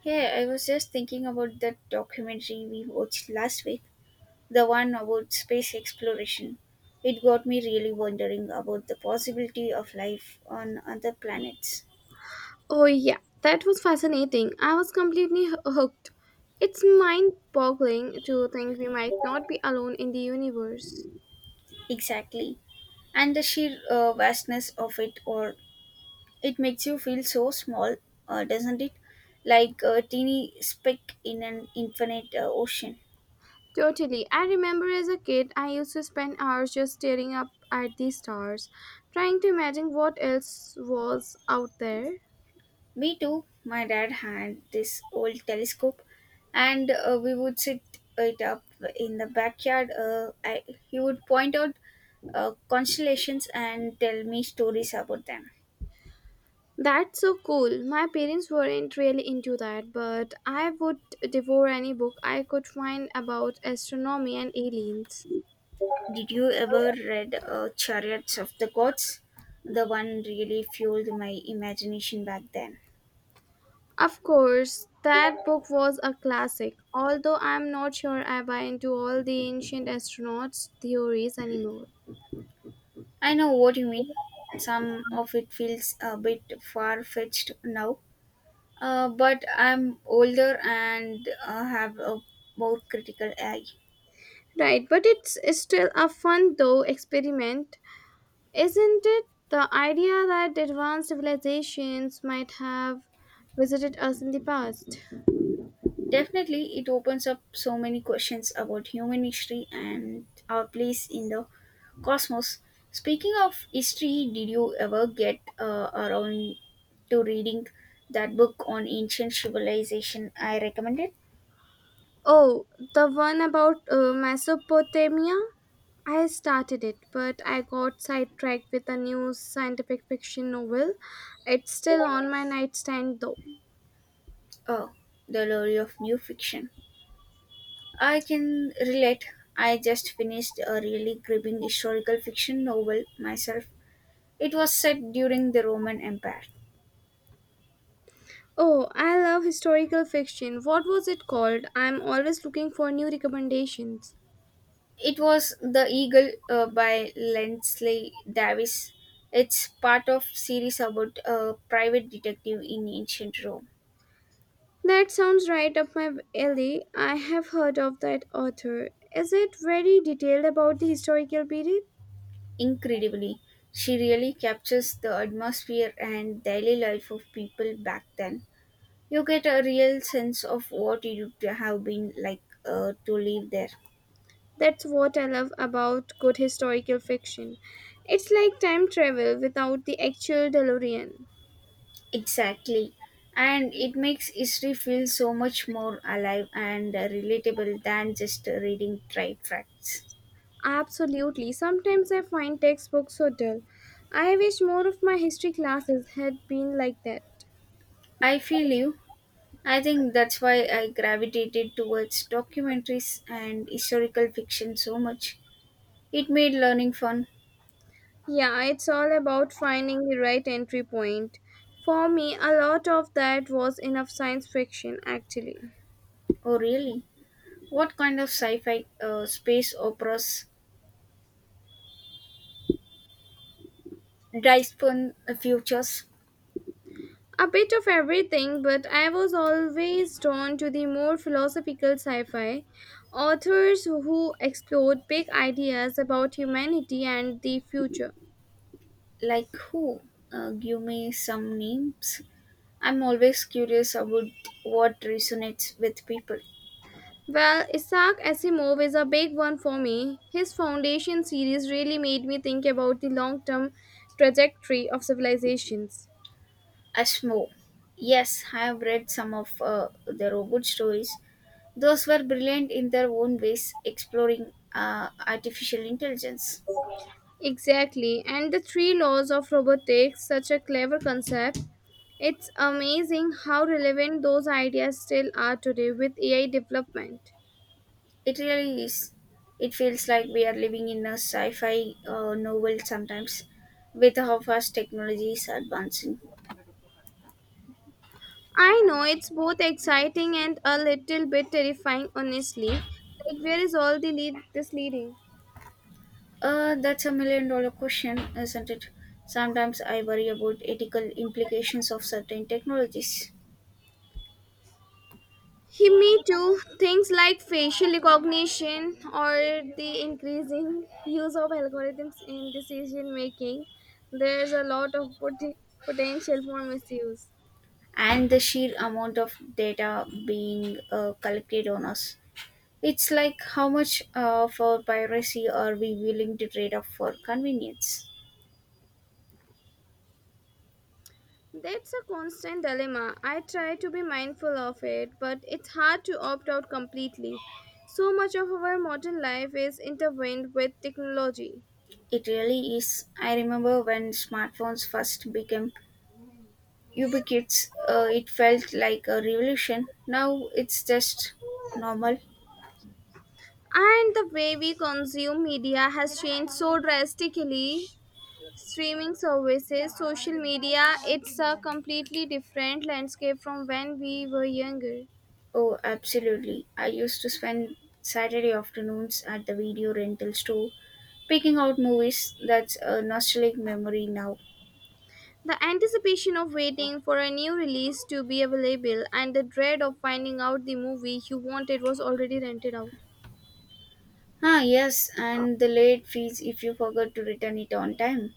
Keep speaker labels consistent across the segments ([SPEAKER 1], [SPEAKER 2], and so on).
[SPEAKER 1] Hey, I was just thinking about that documentary we watched last week, the one about space exploration. It got me really wondering about the possibility of life on other planets.
[SPEAKER 2] Oh, yeah, that was fascinating. I was completely hooked. It's mind boggling to think we might not be alone in the universe.
[SPEAKER 1] Exactly. And the sheer vastness of it, or it makes you feel so small, doesn't it? Like a teeny speck in an infinite ocean.
[SPEAKER 2] Totally. I remember as a kid, I used to spend hours just staring up at the stars, trying to imagine what else was out there.
[SPEAKER 1] Me too. My dad had this old telescope, and we would sit it up in the backyard. He would point out constellations and tell me stories about them.
[SPEAKER 2] That's so cool. My parents weren't really into that, but I would devour any book I could find about astronomy and aliens.
[SPEAKER 1] Did you ever read Chariots of the Gods? The one really fueled my imagination back then.
[SPEAKER 2] Of course, that book was a classic, although I'm not sure I buy into all the ancient astronauts' theories anymore.
[SPEAKER 1] I know what you mean. Some of it feels a bit far fetched now, but I'm older and have a more critical eye.
[SPEAKER 2] Right, but it's still a fun, though, experiment, isn't it? The idea that advanced civilizations might have visited us in the past.
[SPEAKER 1] Definitely, it opens up so many questions about human history and our place in the cosmos. Speaking of history, did you ever get around to reading that book on ancient civilization I recommended?
[SPEAKER 2] Oh, the one about Mesopotamia? I started it, but I got sidetracked with a new scientific fiction novel. It's still on my nightstand, though.
[SPEAKER 1] Oh, The Glory of New Fiction. I can relate. I just finished a really gripping historical fiction novel myself. It was set during the Roman Empire.
[SPEAKER 2] Oh, I love historical fiction. What was it called? I'm always looking for new recommendations.
[SPEAKER 1] It was The Eagle by Lensley Davis. It's part of series about a private detective in ancient Rome.
[SPEAKER 2] That sounds right up my alley. I have heard of that author. Is it very detailed about the historical period?
[SPEAKER 1] Incredibly, she really captures the atmosphere and daily life of people back then. You get a real sense of what it would have been like to live there.
[SPEAKER 2] That's what I love about good historical fiction. It's like time travel without the actual DeLorean.
[SPEAKER 1] Exactly. And it makes history feel so much more alive and relatable than just reading dry facts.
[SPEAKER 2] Absolutely. Sometimes I find textbooks so dull. I wish more of my history classes had been like that.
[SPEAKER 1] I feel you. I think that's why I gravitated towards documentaries and historical fiction so much. It made learning fun.
[SPEAKER 2] Yeah, it's all about finding the right entry point. For me, a lot of that was enough science fiction, actually.
[SPEAKER 1] Oh, really? What kind of sci fi space operas dispel futures?
[SPEAKER 2] A bit of everything, but I was always drawn to the more philosophical sci fi. Authors who explored big ideas about humanity and the future.
[SPEAKER 1] Like who? Give me some names. I'm always curious about what resonates with people.
[SPEAKER 2] Well, Isaac Asimov is a big one for me. His Foundation series really made me think about the long term trajectory of civilizations.
[SPEAKER 1] Asmo. Yes, I have read some of the robot stories. Those were brilliant in their own ways, exploring artificial intelligence.
[SPEAKER 2] Exactly, and the three laws of robotics, such a clever concept. It's amazing how relevant those ideas still are today with AI development.
[SPEAKER 1] It really is. It feels like we are living in a sci fi novel sometimes with how fast technology is advancing.
[SPEAKER 2] I know it's both exciting and a little bit terrifying, honestly. Like, where is all the lead this leading?
[SPEAKER 1] That's a million dollar question, isn't it? Sometimes I worry about ethical implications of certain technologies
[SPEAKER 2] He, me too. Things like facial recognition or the increasing use of algorithms in decision making. There's a lot of potential for misuse.
[SPEAKER 1] and the sheer amount of data being collected on us. It's like how much of our piracy are we willing to trade off for convenience?
[SPEAKER 2] That's a constant dilemma. I try to be mindful of it, but it's hard to opt out completely. So much of our modern life is intertwined with technology.
[SPEAKER 1] It really is. I remember when smartphones first became ubiquitous, it felt like a revolution. Now it's just normal.
[SPEAKER 2] And the way we consume media has changed so drastically. Streaming services, social media, it's a completely different landscape from when we were younger.
[SPEAKER 1] Oh, absolutely. I used to spend Saturday afternoons at the video rental store picking out movies. That's a nostalgic memory now.
[SPEAKER 2] The anticipation of waiting for a new release to be available and the dread of finding out the movie you wanted was already rented out.
[SPEAKER 1] Ah, yes, and the late fees if you forgot to return it on time.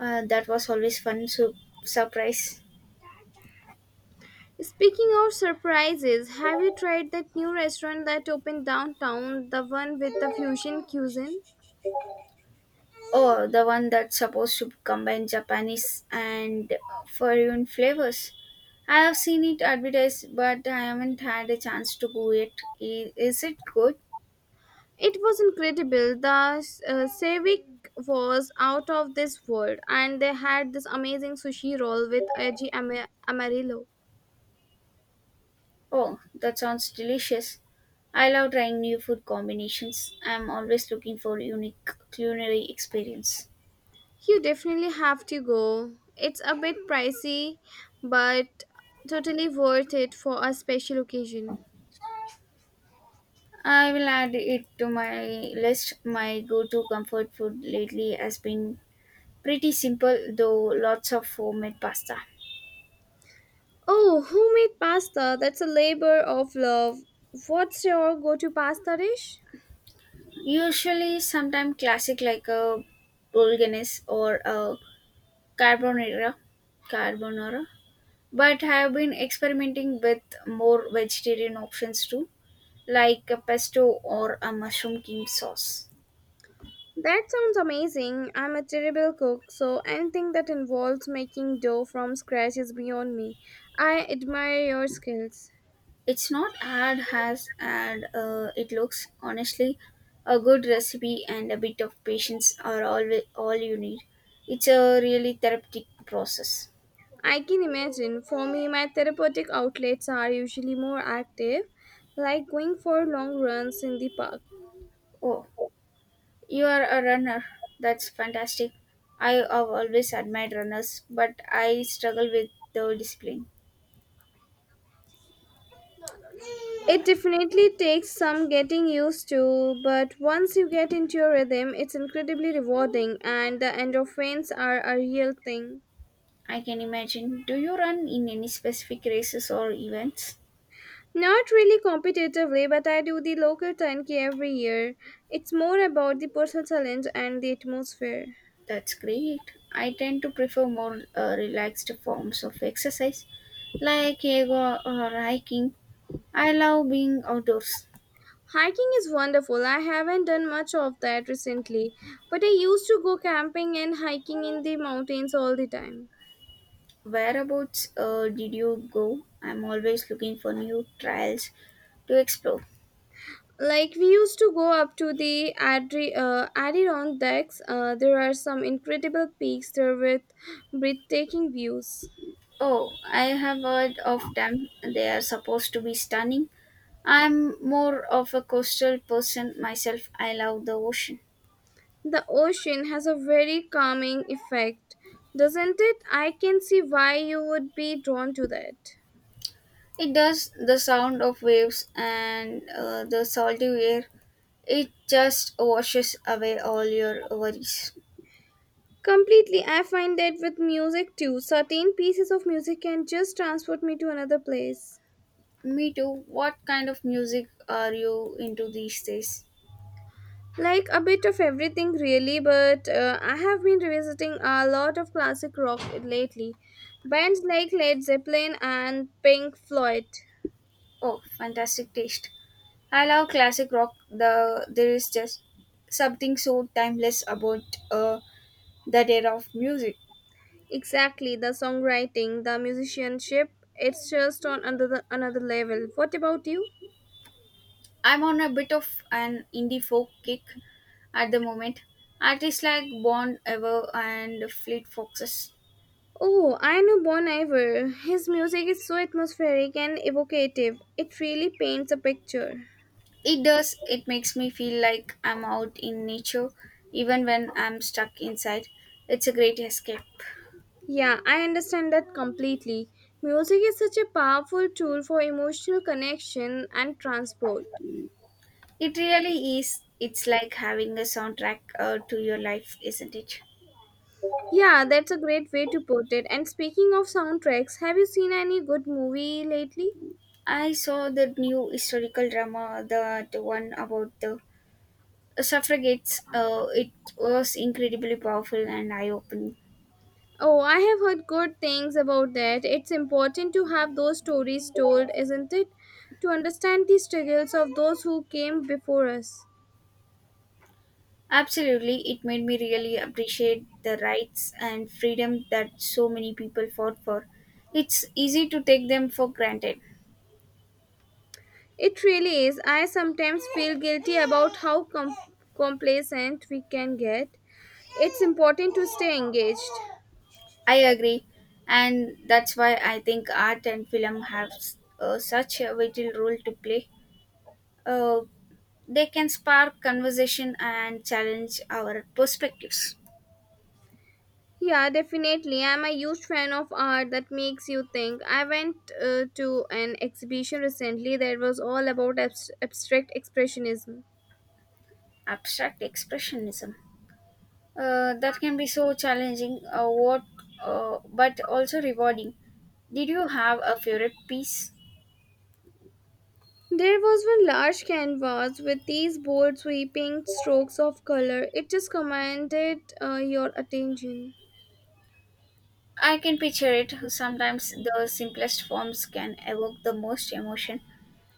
[SPEAKER 1] That was always fun surprise.
[SPEAKER 2] Speaking of surprises, have you tried that new restaurant that opened downtown, the one with the fusion cuisine?
[SPEAKER 1] Oh, the one that's supposed to combine Japanese and foreign flavors. I have seen it advertised, but I haven't had a chance to go yet. Is it good?
[SPEAKER 2] It was incredible. The Savik was out of this world, and they had this amazing sushi roll with Aji Amarillo.
[SPEAKER 1] Oh, that sounds delicious. I love trying new food combinations. I'm always looking for unique culinary experience.
[SPEAKER 2] You definitely have to go. It's a bit pricey, but totally worth it for a special occasion.
[SPEAKER 1] I will add it to my list. My go to comfort food lately has been pretty simple, though lots of homemade pasta.
[SPEAKER 2] Oh, homemade pasta. That's a labor of love. What's your go to pasta dish?
[SPEAKER 1] Usually, sometimes classic like a bolognese or a carbonara, carbonara. But I have been experimenting with more vegetarian options too, like a pesto or a mushroom cream sauce.
[SPEAKER 2] That sounds amazing. I'm a terrible cook, so anything that involves making dough from scratch is beyond me. I admire your skills.
[SPEAKER 1] It's not ad has ad. It looks honestly, a good recipe and a bit of patience are all you need. It's a really therapeutic process.
[SPEAKER 2] I can imagine. For me, my therapeutic outlets are usually more active, like going for long runs in the park.
[SPEAKER 1] Oh, you are a runner. That's fantastic. I have always admired runners, but I struggle with the discipline.
[SPEAKER 2] It definitely takes some getting used to, but once you get into your rhythm, it's incredibly rewarding, and the endorphins are a real thing.
[SPEAKER 1] I can imagine. Do you run in any specific races or events?
[SPEAKER 2] Not really competitively, but I do the local 10K every year. It's more about the personal challenge and the atmosphere.
[SPEAKER 1] That's great. I tend to prefer more relaxed forms of exercise like yoga or hiking. I love being outdoors.
[SPEAKER 2] Hiking is wonderful. I haven't done much of that recently, but I used to go camping and hiking in the mountains all the time.
[SPEAKER 1] Whereabouts did you go? I'm always looking for new trails to explore.
[SPEAKER 2] Like we used to go up to the Adirondacks. There are some incredible peaks there with breathtaking views.
[SPEAKER 1] Oh, I have heard of them. They are supposed to be stunning. I'm more of a coastal person myself. I love the ocean.
[SPEAKER 2] The ocean has a very calming effect, doesn't it? I can see why you would be drawn to that.
[SPEAKER 1] It does the sound of waves and the salty air. It just washes away all your worries.
[SPEAKER 2] Completely, I find that with music too. Certain pieces of music can just transport me to another place.
[SPEAKER 1] Me too. What kind of music are you into these days?
[SPEAKER 2] Like a bit of everything, really, but I have been revisiting a lot of classic rock lately. Bands like Led Zeppelin and Pink Floyd.
[SPEAKER 1] Oh, fantastic taste. I love classic rock. There is just something so timeless about uh, that era of music.
[SPEAKER 2] Exactly, the songwriting, the musicianship, it's just on another level. What about you?
[SPEAKER 1] I'm on a bit of an indie folk kick at the moment. Artists like Bon Ever and Fleet Foxes.
[SPEAKER 2] Oh, I know Bon Iver. His music is so atmospheric and evocative. It really paints a picture.
[SPEAKER 1] It does. It makes me feel like I'm out in nature, even when I'm stuck inside. It's a great escape.
[SPEAKER 2] Yeah, I understand that completely. Music is such a powerful tool for emotional connection and transport.
[SPEAKER 1] It really is. It's like having a soundtrack to your life, isn't it?
[SPEAKER 2] Yeah, that's a great way to put it. And speaking of soundtracks, have you seen any good movie lately?
[SPEAKER 1] I saw the new historical drama, the one about the suffragettes. It was incredibly powerful and eye opening.
[SPEAKER 2] Oh, I have heard good things about that. It's important to have those stories told, isn't it? To understand the struggles of those who came before us.
[SPEAKER 1] Absolutely, it made me really appreciate the rights and freedom that so many people fought for. It's easy to take them for granted.
[SPEAKER 2] It really is. I sometimes feel guilty about how complacent we can get. It's important to stay engaged.
[SPEAKER 1] I agree, and that's why I think art and film have such a vital role to play. Uh, they can spark conversation and challenge our perspectives.
[SPEAKER 2] Yeah, definitely. I'm a huge fan of art that makes you think. I went to an exhibition recently that was all about abstract expressionism.
[SPEAKER 1] Abstract expressionism that can be so challenging, but also rewarding. Did you have a favorite piece?
[SPEAKER 2] There was one large canvas with these bold sweeping strokes of color. It just commanded your attention.
[SPEAKER 1] I can picture it. Sometimes the simplest forms can evoke the most emotion.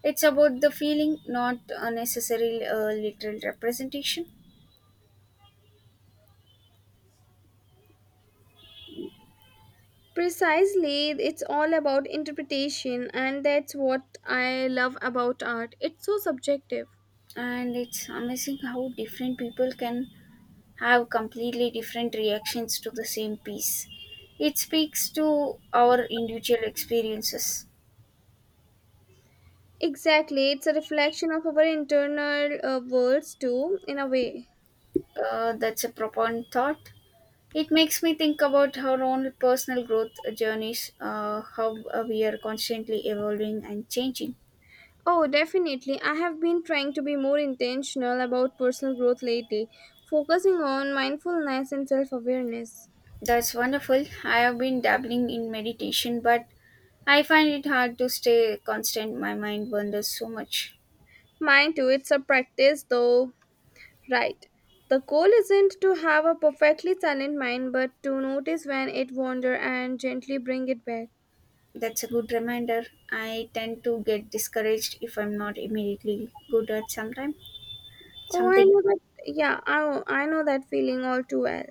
[SPEAKER 1] It's about the feeling, not a necessarily literal representation.
[SPEAKER 2] Precisely, it's all about interpretation, and that's what I love about art. It's so subjective.
[SPEAKER 1] And it's amazing how different people can have completely different reactions to the same piece. It speaks to our individual experiences.
[SPEAKER 2] Exactly, it's a reflection of our internal worlds, too, in a way.
[SPEAKER 1] That's a profound thought. It makes me think about our own personal growth journeys, how we are constantly evolving and changing.
[SPEAKER 2] Oh, definitely. I have been trying to be more intentional about personal growth lately, focusing on mindfulness and self awareness.
[SPEAKER 1] That's wonderful. I have been dabbling in meditation, but I find it hard to stay constant. My mind wanders so much.
[SPEAKER 2] Mind too, it's a practice though, right? The goal isn't to have a perfectly silent mind, but to notice when it wanders and gently bring it back.
[SPEAKER 1] That's a good reminder. I tend to get discouraged if I'm not immediately good at sometime
[SPEAKER 2] Oh, I
[SPEAKER 1] something.
[SPEAKER 2] know that. Yeah, I know that feeling all too well.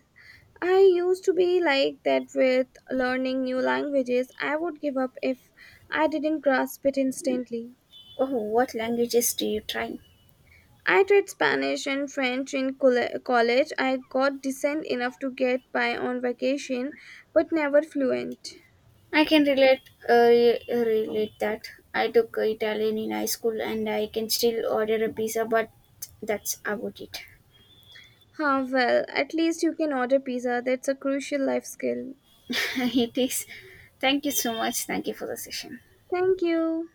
[SPEAKER 2] I used to be like that with learning new languages. I would give up if I didn't grasp it instantly.
[SPEAKER 1] Oh, what languages do you try?
[SPEAKER 2] I tried Spanish and French in college. I got decent enough to get by on vacation, but never fluent.
[SPEAKER 1] I can relate relate that. I took Italian in high school and I can still order a pizza, but that's about it.
[SPEAKER 2] Ah, well, at least you can order pizza. That's a crucial life skill.
[SPEAKER 1] it is. Thank you so much. Thank you for the session.
[SPEAKER 2] Thank you.